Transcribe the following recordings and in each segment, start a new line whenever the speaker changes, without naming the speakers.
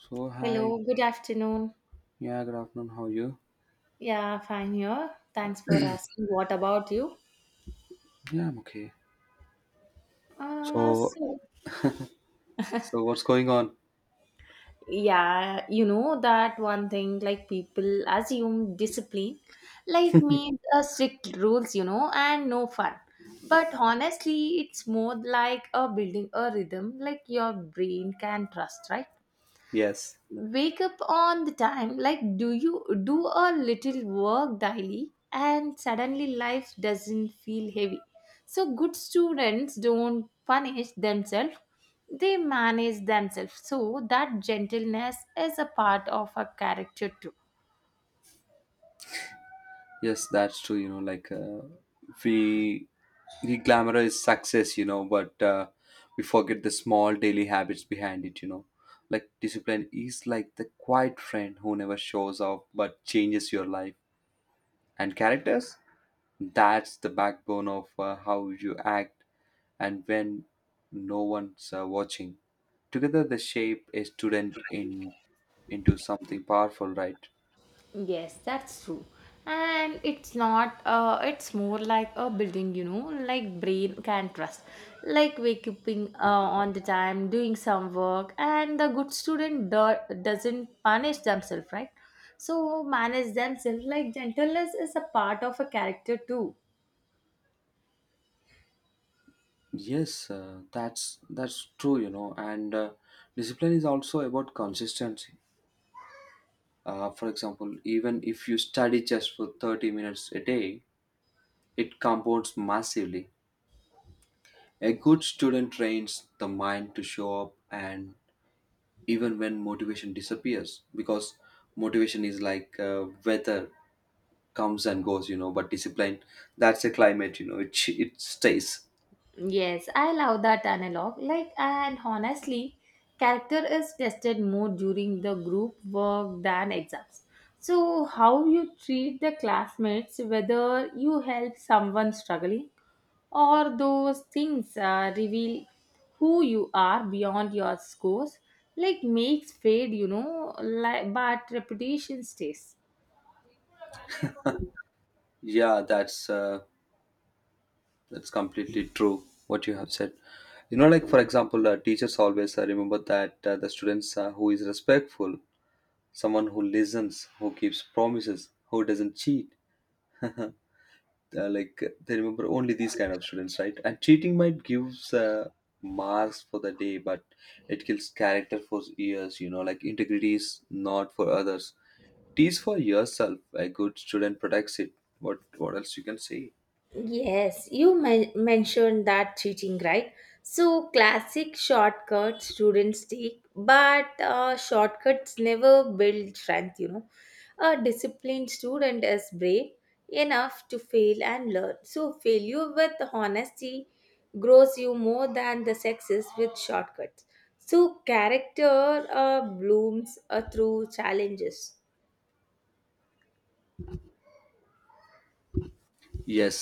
So hi,
Hello, good afternoon.
yeah, good afternoon. How are you?
Yeah, fine here. Thanks for asking. What about you?
Yeah, I'm okay.
Uh,
So
so,
what's going on?
yeah, you know that one thing like people assume discipline like means a strict rules, you know, and no fun. But honestly, it's more like a building a rhythm like your brain can trust, right?
Yes,
Wake up on the time like do you do a little work daily and suddenly life doesn't feel heavy. So good students don't punish themselves, they manage themselves so that gentleness is a part of a character too.
yes, that's true. You know, like we we glamorize success, you know, but we forget the small daily habits behind it. You know, like discipline is like the quiet friend who never shows off but changes your life and characters. That's the backbone of how you act and when no one's watching. Together, they shape a student in into something powerful, right?
Yes, that's true. And it's not, it's more like a building, you know, like brain can trust. Like waking on the time, doing some work, and the good doesn't punish themselves, right? So manage themselves like gentleness is a part of a character too.
That's true, you know, and discipline is also about consistency. For example, even if you study just for 30 minutes a day, it compounds massively. A good student trains the mind to show up and even when motivation disappears, because motivation is like weather, comes and goes, you know, but discipline, that's a climate, you know, it stays.
Yes, I love that analog. Like, and honestly, character is tested more during the group work than exams. So, how you treat the classmates, whether you help someone struggling or those things reveal who you are beyond your scores, like makes fade, you know, like, but reputation stays.
yeah that's uh, That's completely true what you have said. You know, like for example, teachers always remember that the students who is respectful, someone who listens, who keeps promises, who doesn't cheat. uh, like they remember only these kind of students, right? And cheating might gives marks for the day, but it kills character for years. You know, like integrity is not for others; it is for yourself. A good student protects it. What else you can say?
Yes, you mentioned that cheating, right? So, classic shortcuts students take, but shortcuts never build strength, you know. A disciplined student is brave enough to fail and learn. So, failure with honesty grows you more than the success with shortcuts. So, character blooms through challenges.
Yes,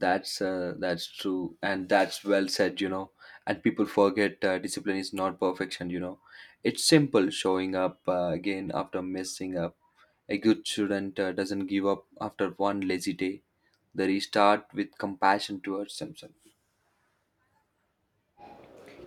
that's true, and that's well said. You know, and people forget discipline is not perfection. You know, it's simple showing up again after messing up. A good student doesn't give up after one lazy day. They restart with compassion towards themselves.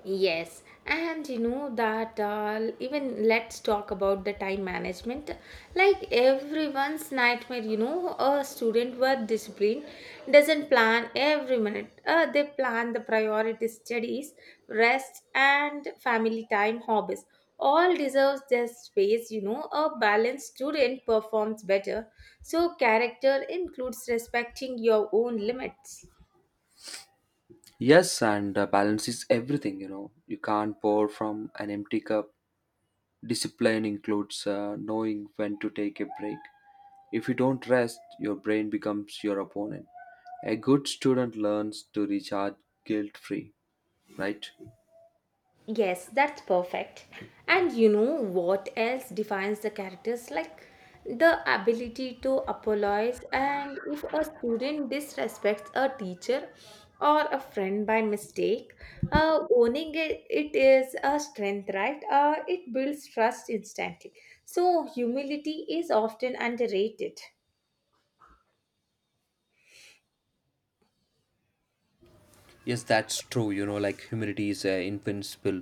Yes, and you know that even let's talk about the time management. Like everyone's nightmare, you know, a student with discipline doesn't plan every minute. They plan the priority studies, rest, and family time hobbies. All deserves their space, you know. A balanced student performs better. So character includes respecting your own limits.
Yes, and balance is everything. You know, you can't pour from an empty cup. Discipline includes knowing when to take a break. If you don't rest, your brain becomes your opponent. A good student learns to recharge guilt free, right?
Yes, that's perfect. And you know what else defines the characters? Like the ability to apologize, and if a student disrespects a teacher or a friend by mistake, owning it, it is a strength, right? It builds trust instantly. So, humility is often underrated.
Yes, that's true. You know, like humility is invincible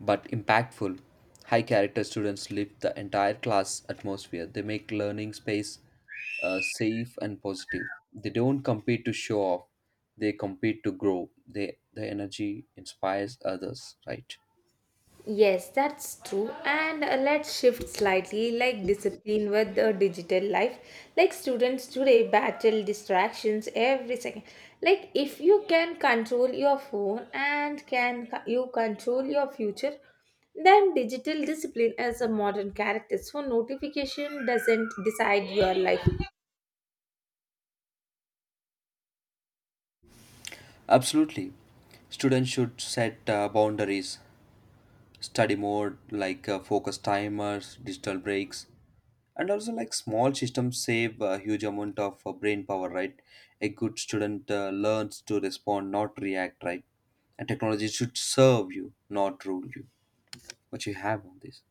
but impactful. High character students lift the entire class atmosphere. They make learning space safe and positive. They don't compete to show off. They compete to grow. They the energy inspires others. Right?
Yes, that's true. And let's shift slightly like discipline with the digital life. Like students today battle distractions every second. Like if you can control your phone and can you control your future, then digital discipline is a modern character. So notification doesn't decide your life.
Absolutely. Students should set boundaries. Study mode, like focus timers, digital breaks, and also like small systems save a huge amount of brain power, right? A good student learns to respond, not react, right? And technology should serve you, not rule you. What you have on this?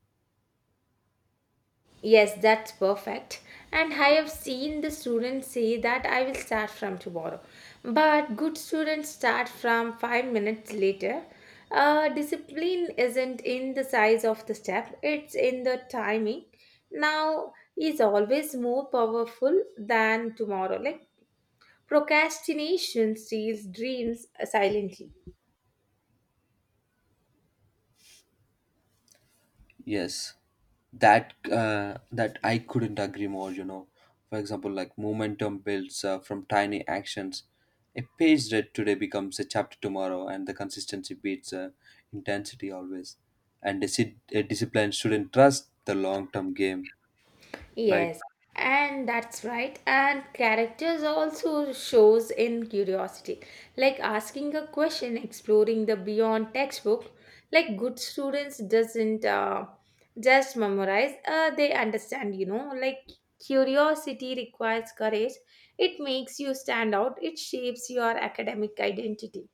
Yes, that's perfect. And I have seen the students say that I will start from tomorrow. But good students start from 5 minutes later. Discipline isn't in the size of the step, it's in the timing. Now is always more powerful than tomorrow. Like procrastination steals dreams silently.
Yes, that I couldn't agree more. You know, for example, like momentum builds from tiny actions. A page read today becomes a chapter tomorrow, and the consistency beats intensity always. And a disciplined student trust the long-term game, right?
Yes, and that's right. And characters also shows in curiosity, like asking a question, exploring the beyond textbook. Like good students doesn't just memorize; they understand. You know, like curiosity requires courage. It makes you stand out. It shapes your academic identity.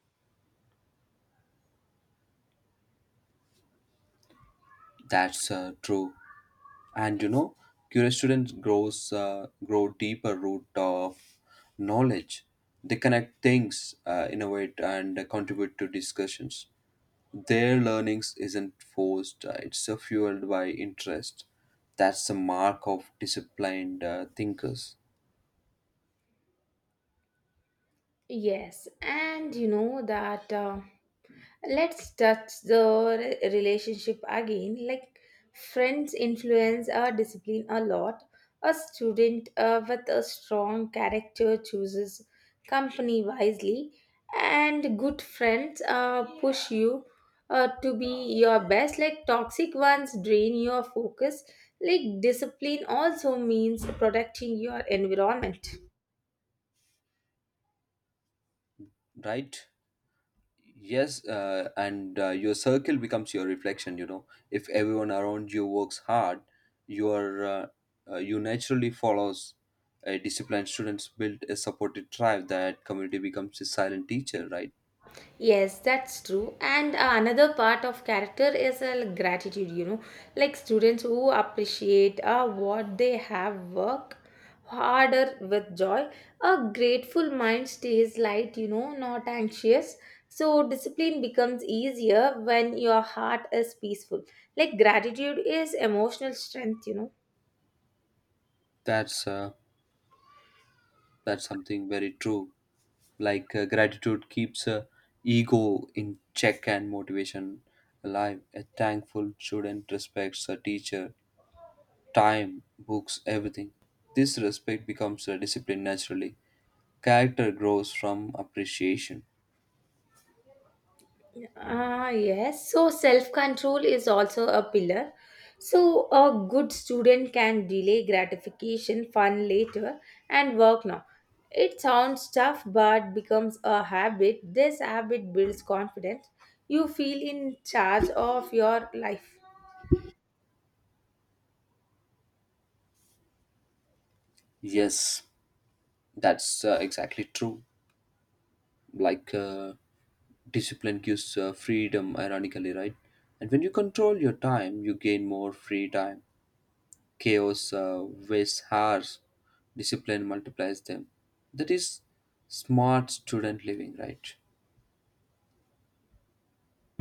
That's true. And you know, curious students grow deeper root of knowledge. They connect things, innovate, and contribute to discussions. Their learnings isn't forced, it's fueled by interest. That's the mark of disciplined thinkers,
Yes, and you know that let's touch the relationship again. Like friends influence our discipline a lot. A student with a strong character chooses company wisely, and good friends push you to be your best. Like toxic ones drain your focus. Like discipline also means protecting your environment.
right? Yes, and your circle becomes your reflection, you know. If everyone around you works hard, you are you naturally follows a disciplined students build a supported tribe, that community becomes a silent teacher, right?
Yes, that's true. And another part of character is like gratitude, you know, like students who appreciate what they have work harder with joy. A grateful mind stays light, you know, not anxious. So discipline becomes easier when your heart is peaceful. Like gratitude is emotional strength, you know.
That's uh, that's something very true. Like gratitude keeps ego in check and motivation alive. A thankful student respects a teacher, time, books, everything. This respect becomes a discipline naturally. Character grows from appreciation.
Ah, yes. So self control is also a pillar. So a good student can delay gratification, fun later, and work now. It sounds tough but becomes a habit. This habit builds confidence. You feel in charge of your life.
Yes, that's exactly true. Like discipline gives freedom, ironically, right? And when you control your time, you gain more free time. Chaos wastes hours, discipline multiplies them. That is smart student living, right?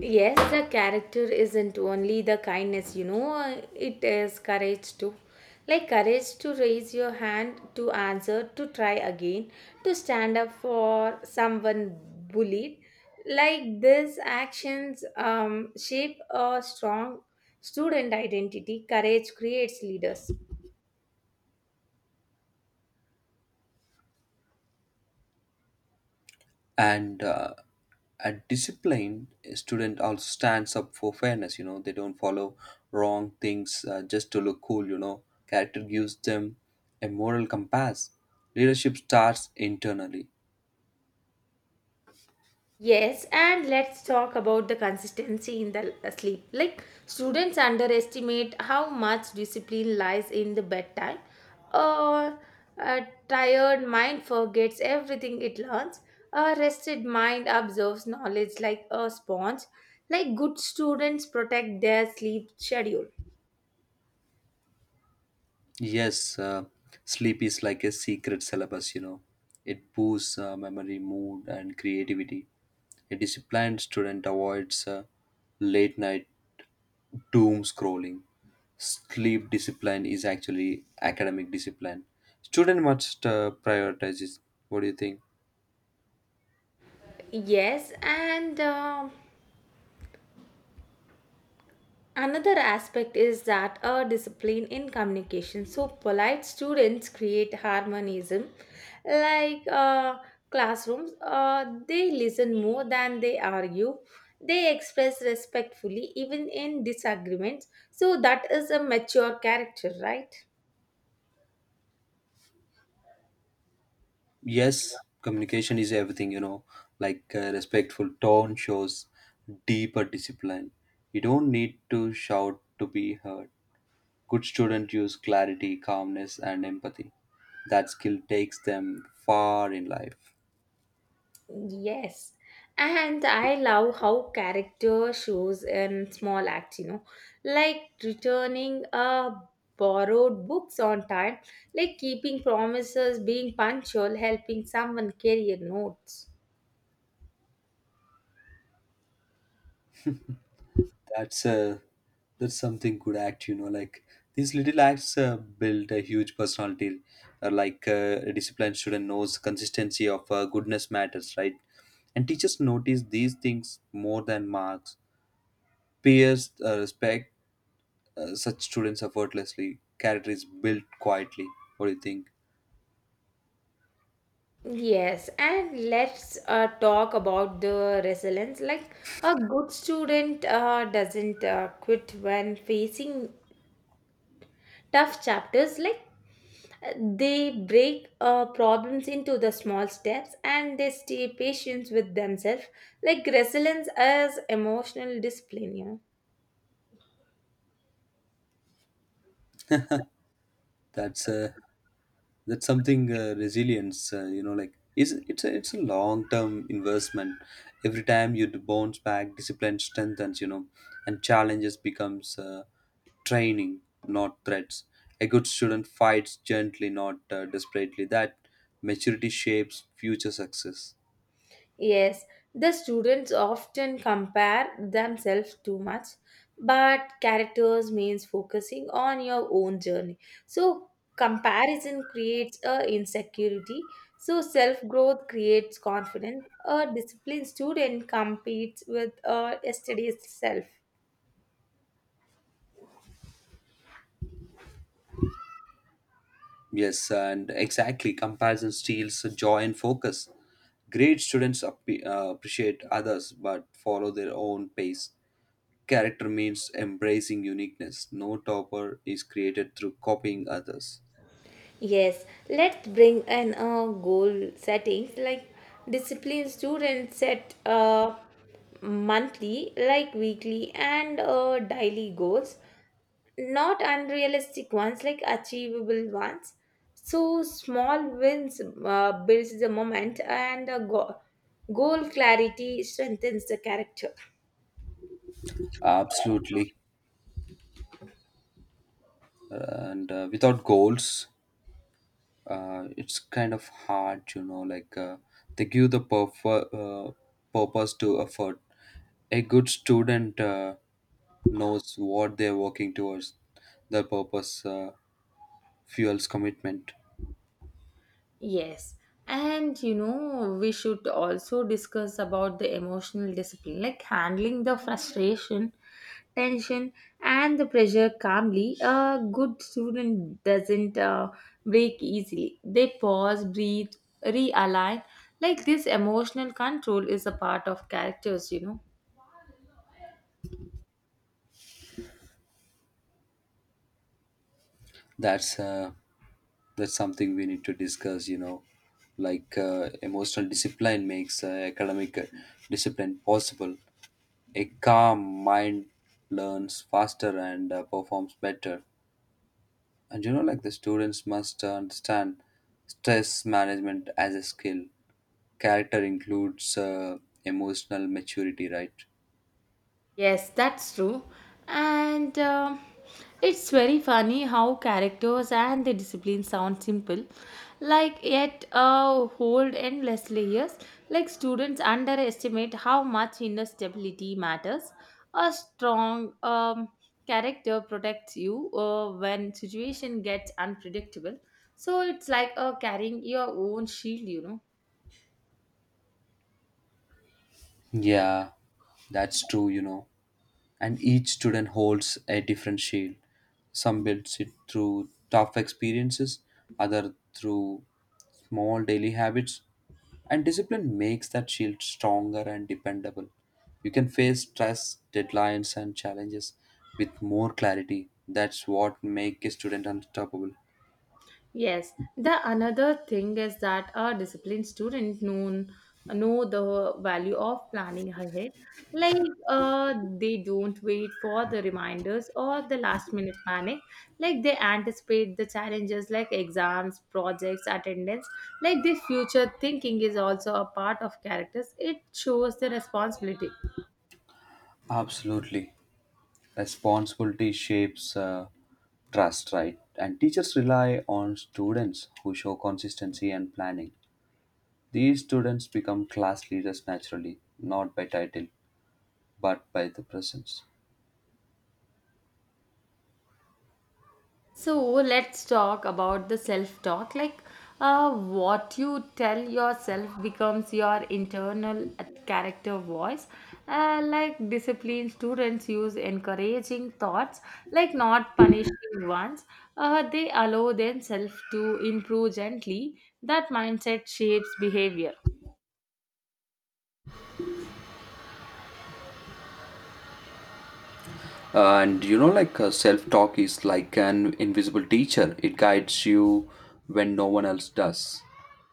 Yes, the character isn't only the kindness, you know, it is courage too. Like courage to raise your hand, to answer, to try again, to stand up for someone bullied. Like these actions shape a strong student identity. Courage creates leaders.
And a disciplined student also stands up for fairness. You know, they don't follow wrong things just to look cool. You know, character gives them a moral compass. Leadership starts internally.
Yes, and let's talk about the consistency in the sleep. Like students underestimate how much discipline lies in the bedtime. A, a tired mind forgets everything it learns. A rested mind absorbs knowledge like a sponge. Like good students protect their sleep schedule.
Yes, sleep is like a secret syllabus, you know. It boosts memory, mood, and creativity. A disciplined student avoids late night doom scrolling. Sleep discipline is actually academic discipline. Student must prioritize it. What do you think?
Yes, and another aspect is that a discipline in communication. So, polite students create harmonism, like classrooms, they listen more than they argue. They express respectfully, even in disagreements. So, that is a mature character, right?
Yes, communication is everything, you know, like respectful tone shows deeper discipline. You don't need to shout to be heard. Good students use clarity, calmness, and empathy. That skill takes them far in life.
Yes, and I love how character shows in small acts, you know, like returning a borrowed books on time, like keeping promises, being punctual, helping someone carry a notes.
That's a that's something good act, you know. Like these little acts build a huge personality. Like a disciplined student knows consistency of goodness matters, right? And teachers notice these things more than marks. Peers respect such students effortlessly. Character is built quietly. What do you think?
Yes, and let's talk about the resilience. Like a good student doesn't quit when facing tough chapters. Like they break problems into the small steps and they stay patient with themselves, like resilience as emotional discipline. You know?
That's a that's something, resilience, you know, like is it's a long term investment. Every time you bounce back, discipline strengthens, you know, and challenges becomes training, not threats. A good student fights gently, not desperately. That maturity shapes future success.
Yes, the students often compare themselves too much, but characters means focusing on your own journey. So comparison creates a insecurity. So self growth creates confidence. A disciplined student competes with a yesterday's self.
Yes, and exactly, comparison steals joy and focus. Great students appreciate others but follow their own pace. Character means embracing uniqueness. No topper is created through copying others.
Yes, let's bring in goal settings like discipline students set monthly, like weekly, and daily goals, not unrealistic ones like achievable ones. So small wins builds the moment, and goal clarity strengthens the character.
Absolutely. And without goals, it's kind of hard, you know, like they give the purpose to effort. A good student knows what they're working towards. The purpose fuels commitment.
Yes. And you know, we should also discuss about the emotional discipline, like handling the frustration, tension, and the pressure calmly. A good student doesn't break easily. They pause, breathe, realign. Like this emotional control is a part of characters, you know.
That's uh, that's something we need to discuss, you know. Like emotional discipline makes academic discipline possible. A calm mind learns faster and performs better. And you know, like the students must understand stress management as a skill. Character includes emotional maturity, right?
Yes, that's true. And it's very funny how characters and the discipline sound simple, like yet hold endless layers. Like students underestimate how much inner stability matters. A strong character protects you when situation gets unpredictable. So it's like carrying your own shield, you know.
Yeah, that's true, you know, and each student holds a different shield. Some builds it through tough experiences, other through small daily habits, and discipline makes that shield stronger and dependable. You can face stress, deadlines, and challenges with more clarity. That's what makes a student unstoppable.
Yes, the another thing is that a disciplined student know the value of planning ahead. Like they don't wait for the reminders or the last minute panic. Like they anticipate the challenges like exams, projects, attendance. Like the future thinking is also a part of characters. It shows the responsibility.
Absolutely. Responsibility shapes trust, right? And teachers rely on students who show consistency and planning. These students become class leaders naturally, not by title, but by the presence.
So let's talk about the self talk. Like, what you tell yourself becomes your internal character voice. Like, disciplined students use encouraging thoughts, like not punishing ones. They allow themselves to improve gently. That mindset shapes behavior.
And you know, like self talk is like an invisible teacher, it guides you when no one else does.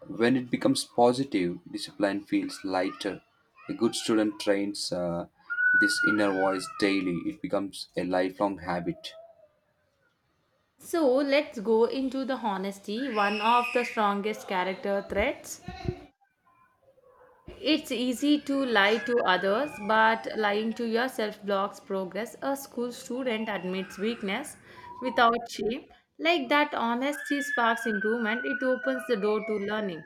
When it becomes positive, discipline feels lighter. A good student trains this inner voice daily, it becomes a lifelong habit.
So, let's go into the honesty, one of the strongest character traits. It's easy to lie to others, but lying to yourself blocks progress. A school student admits weakness without shame. Like that honesty sparks improvement, it opens the door to learning.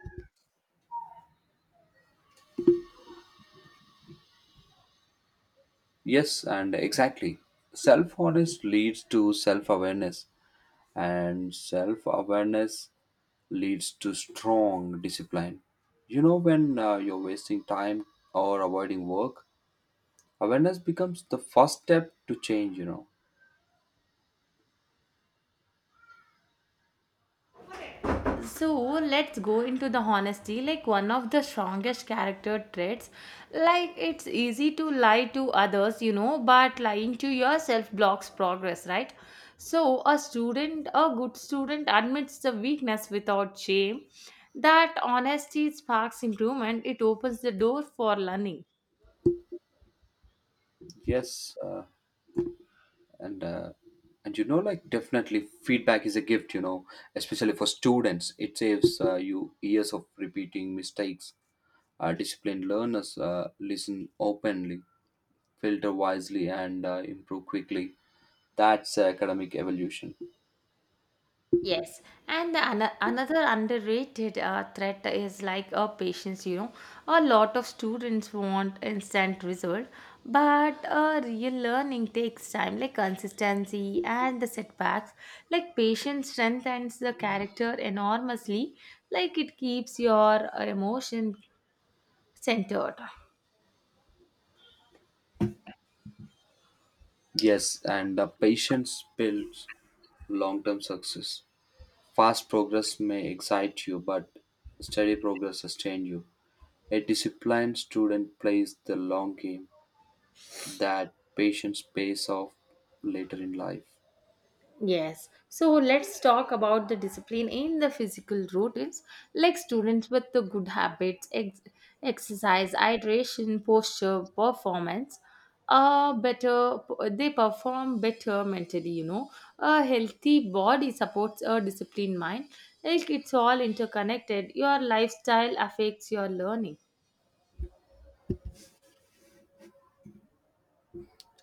Yes, and exactly. Self honesty leads to self awareness, and self awareness leads to strong discipline. You know, when you're wasting time or avoiding work, awareness becomes the first step to change, you know.
So let's go into the honesty, like one of the strongest character traits. Like it's easy to lie to others, you know, but lying to yourself blocks progress, right? So a student, a good student admits the weakness without shame. That honesty sparks improvement, it opens the door for learning.
Yes, and uh, and you know, like definitely feedback is a gift, you know, especially for students. It saves you years of repeating mistakes. Disciplined learners listen openly, filter wisely, and improve quickly. That's academic evolution.
Yes, and the another underrated threat is like a patience. You know, a lot of students want instant result, but real learning takes time, like consistency and the setbacks. Like patience strengthens the character enormously. Like it keeps your emotion centered.
Yes, and patience builds long term success. Fast progress may excite you, but steady progress sustains you. A disciplined student plays the long game. That patience pays off later in life.
Yes. So let's talk about the discipline in the physical routines, like students with the good habits, exercise, hydration, posture, performance. Better they perform better mentally, you know. A healthy body supports a disciplined mind, like it's all interconnected. Your lifestyle affects your learning.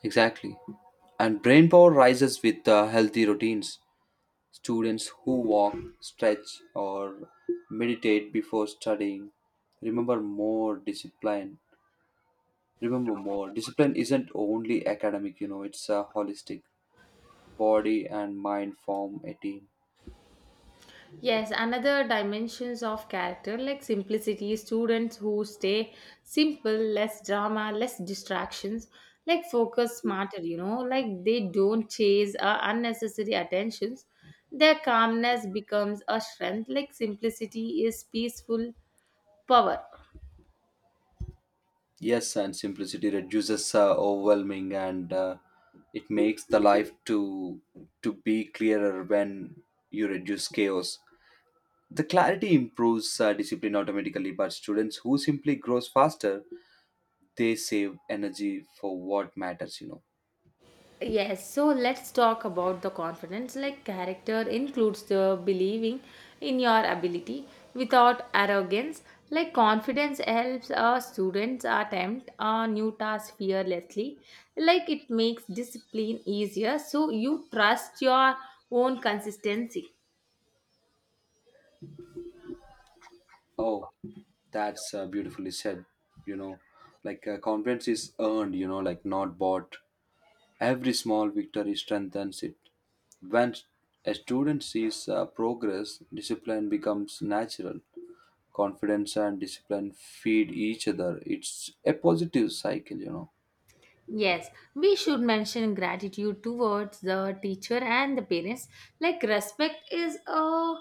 Exactly. And brain power rises with healthy routines. Students who walk, stretch, or meditate before studying remember more discipline. Remember more. Discipline isn't only academic, you know, it's a holistic. Body and mind form a team.
Yes, another dimensions of character like simplicity, students who stay simple, less drama, less distractions, like focus smarter, you know, like they don't chase unnecessary attentions. Their calmness becomes a strength, like simplicity is peaceful power.
Yes, and simplicity reduces overwhelming, and it makes the life to be clearer when you reduce chaos. The clarity improves discipline automatically, but students who simply grows faster, they save energy for what matters, you know.
Yes, so let's talk about the confidence. Like, character includes the believing in your ability without arrogance. Like, confidence helps our students attempt a new task fearlessly. Like, it makes discipline easier, so you trust your own consistency.
Oh, that's beautifully said, you know. Like confidence is earned, you know, like not bought. Every small victory strengthens it. When a student sees progress, discipline becomes natural. Confidence and discipline feed each other, it's a positive cycle, you know.
Yes, we should mention gratitude towards the teacher and the parents. Like, respect is a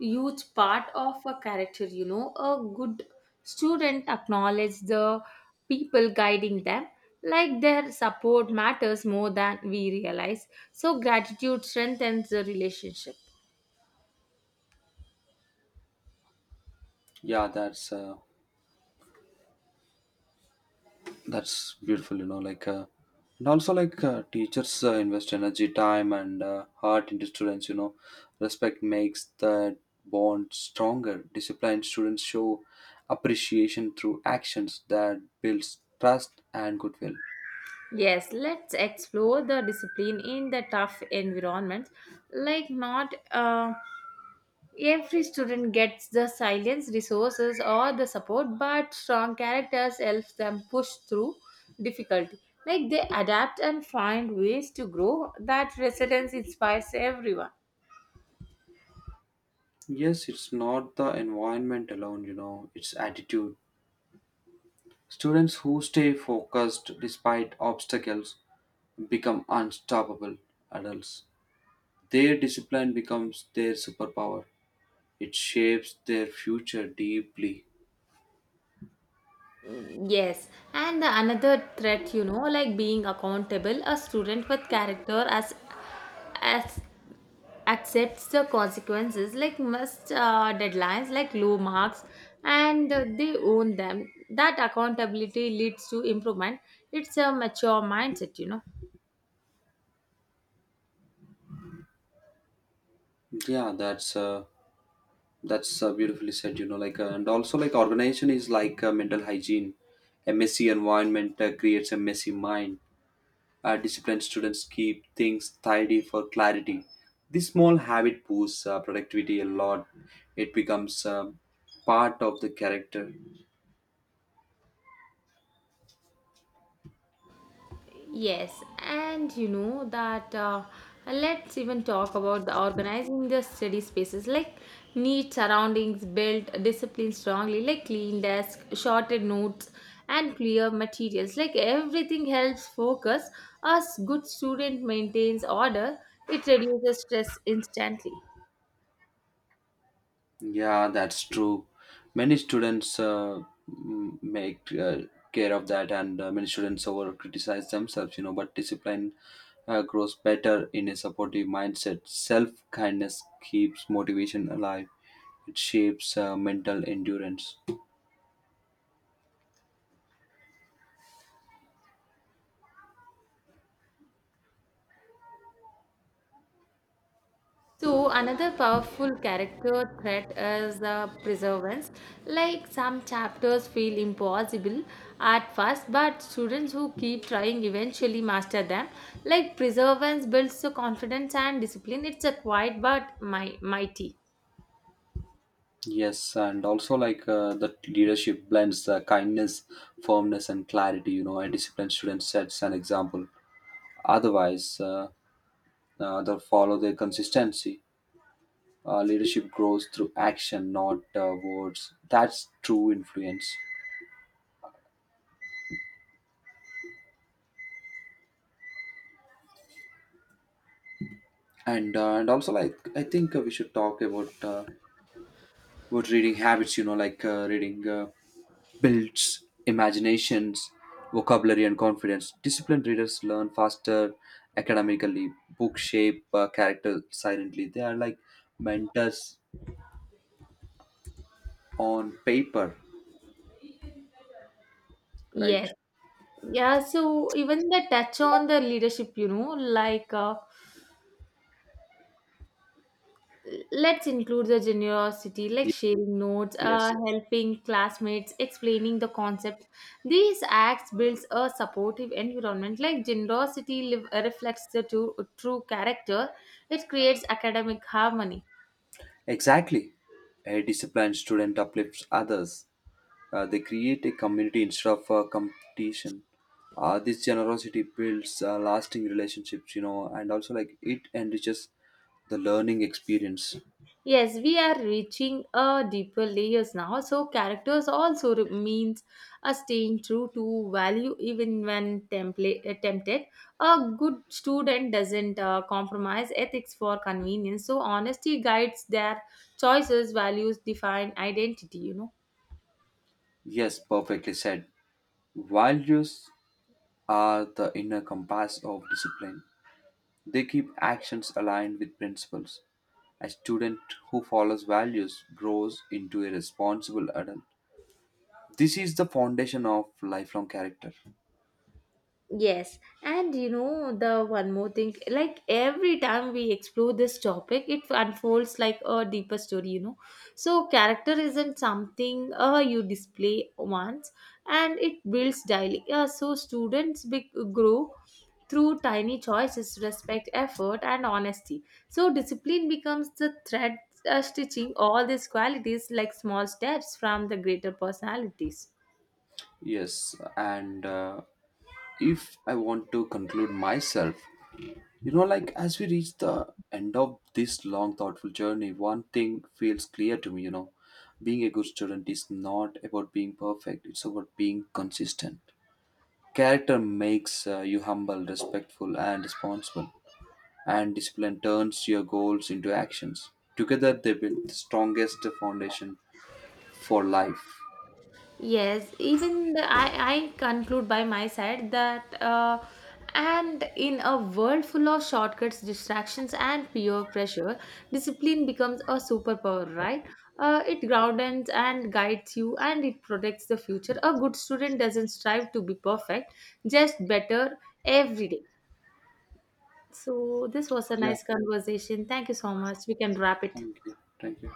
huge part of a character, you know. A good student acknowledges the people guiding them, like, their support matters more than we realize. So, gratitude strengthens the relationship.
yeah that's uh, That's beautiful, you know, like, and also like teachers invest energy, time, and heart into students, you know. Respect makes that bond stronger. Disciplined students show appreciation through actions, that builds trust and goodwill.
Yes, let's explore the discipline in the tough environment. Like, not every student gets the silence, resources, or the support, but strong characters help them push through difficulty. Like they adapt and find ways to grow. That resilience inspires everyone.
Yes, it's not the environment alone, you know, it's attitude. Students who stay focused despite obstacles become unstoppable adults. Their discipline becomes their superpower. It shapes their future deeply.
Yes, and the another threat, you know, like being accountable, a student with character as accepts the consequences like missed deadlines like low marks, and they own them. That accountability leads to improvement, it's a mature mindset, you know.
Yeah, that's beautifully said. You know, like and also like organization is like mental hygiene. A messy environment creates a messy mind. Disciplined students keep things tidy for clarity. This small habit boosts productivity a lot. It becomes part of the character.
Yes, and you know that let's even talk about the organizing the study spaces like neat surroundings, built discipline strongly, like clean desk, shorted notes, and clear materials. Like everything helps focus. As good student maintains order, it reduces stress instantly.
Yeah, that's true. Many students make care of that, and many students over criticize themselves, you know. But discipline grows better in a supportive mindset. Self kindness keeps motivation alive. It shapes mental endurance.
So another powerful character trait is the perseverance. Like some chapters feel impossible at first, but students who keep trying eventually master them. Like perseverance builds the confidence and discipline. It's a quiet but mighty.
Yes, and also like the leadership blends kindness, firmness, and clarity. You know, a disciplined student sets an example. Otherwise, they follow their consistency. Leadership grows through action, not words. That's true influence. And also, like I think we should talk about reading habits. You know, like reading builds imaginations, vocabulary, and confidence. Disciplined readers learn faster academically. Book shape character silently. They are like mentors on paper, right?
Yes. Yeah, so even the touch on the leadership, you know, like let's include the generosity, like
Ye-
sharing notes,
Yes,
helping classmates, explaining the concept. These acts builds a supportive environment. Like generosity live, reflects the true character. It creates academic harmony.
exactly. A disciplined student uplifts others. They create a community instead of competition. This generosity builds lasting relationships, you know, and also like it enriches the learning experience.
Yes, we are reaching a deeper layers now. So characters also means a staying true to value even when tempted. A good student doesn't compromise ethics for convenience. So honesty guides their choices, values define identity. You know.
Yes, perfectly said. Values are the inner compass of discipline. They keep actions aligned with principles. A student who follows values grows into a responsible adult. This is the foundation of lifelong character.
Yes, and you know the one more thing like every time we explore this topic, it unfolds like a deeper story, you know. So, character isn't something you display once and it builds daily. Yeah, so students grow through tiny choices, respect, effort, and honesty. So, discipline becomes the thread stitching all these qualities like small steps from the greater personalities.
Yes, and if I want to conclude myself, you know, like as we reach the end of this long, thoughtful journey, one thing feels clear to me, you know, being a good student is not about being perfect, it's about being consistent. Character makes you humble, respectful, and responsible, and discipline turns your goals into actions. Together, they build the strongest foundation for life.
Yes, even the I conclude by my side that, and in a world full of shortcuts, distractions, and peer pressure, discipline becomes a superpower, right? It grounds and guides you and it protects the future. A good student doesn't strive to be perfect, just better every day. So, this was a
Yeah,
nice conversation. Thank you so much. We can wrap it.
thank you. Thank you.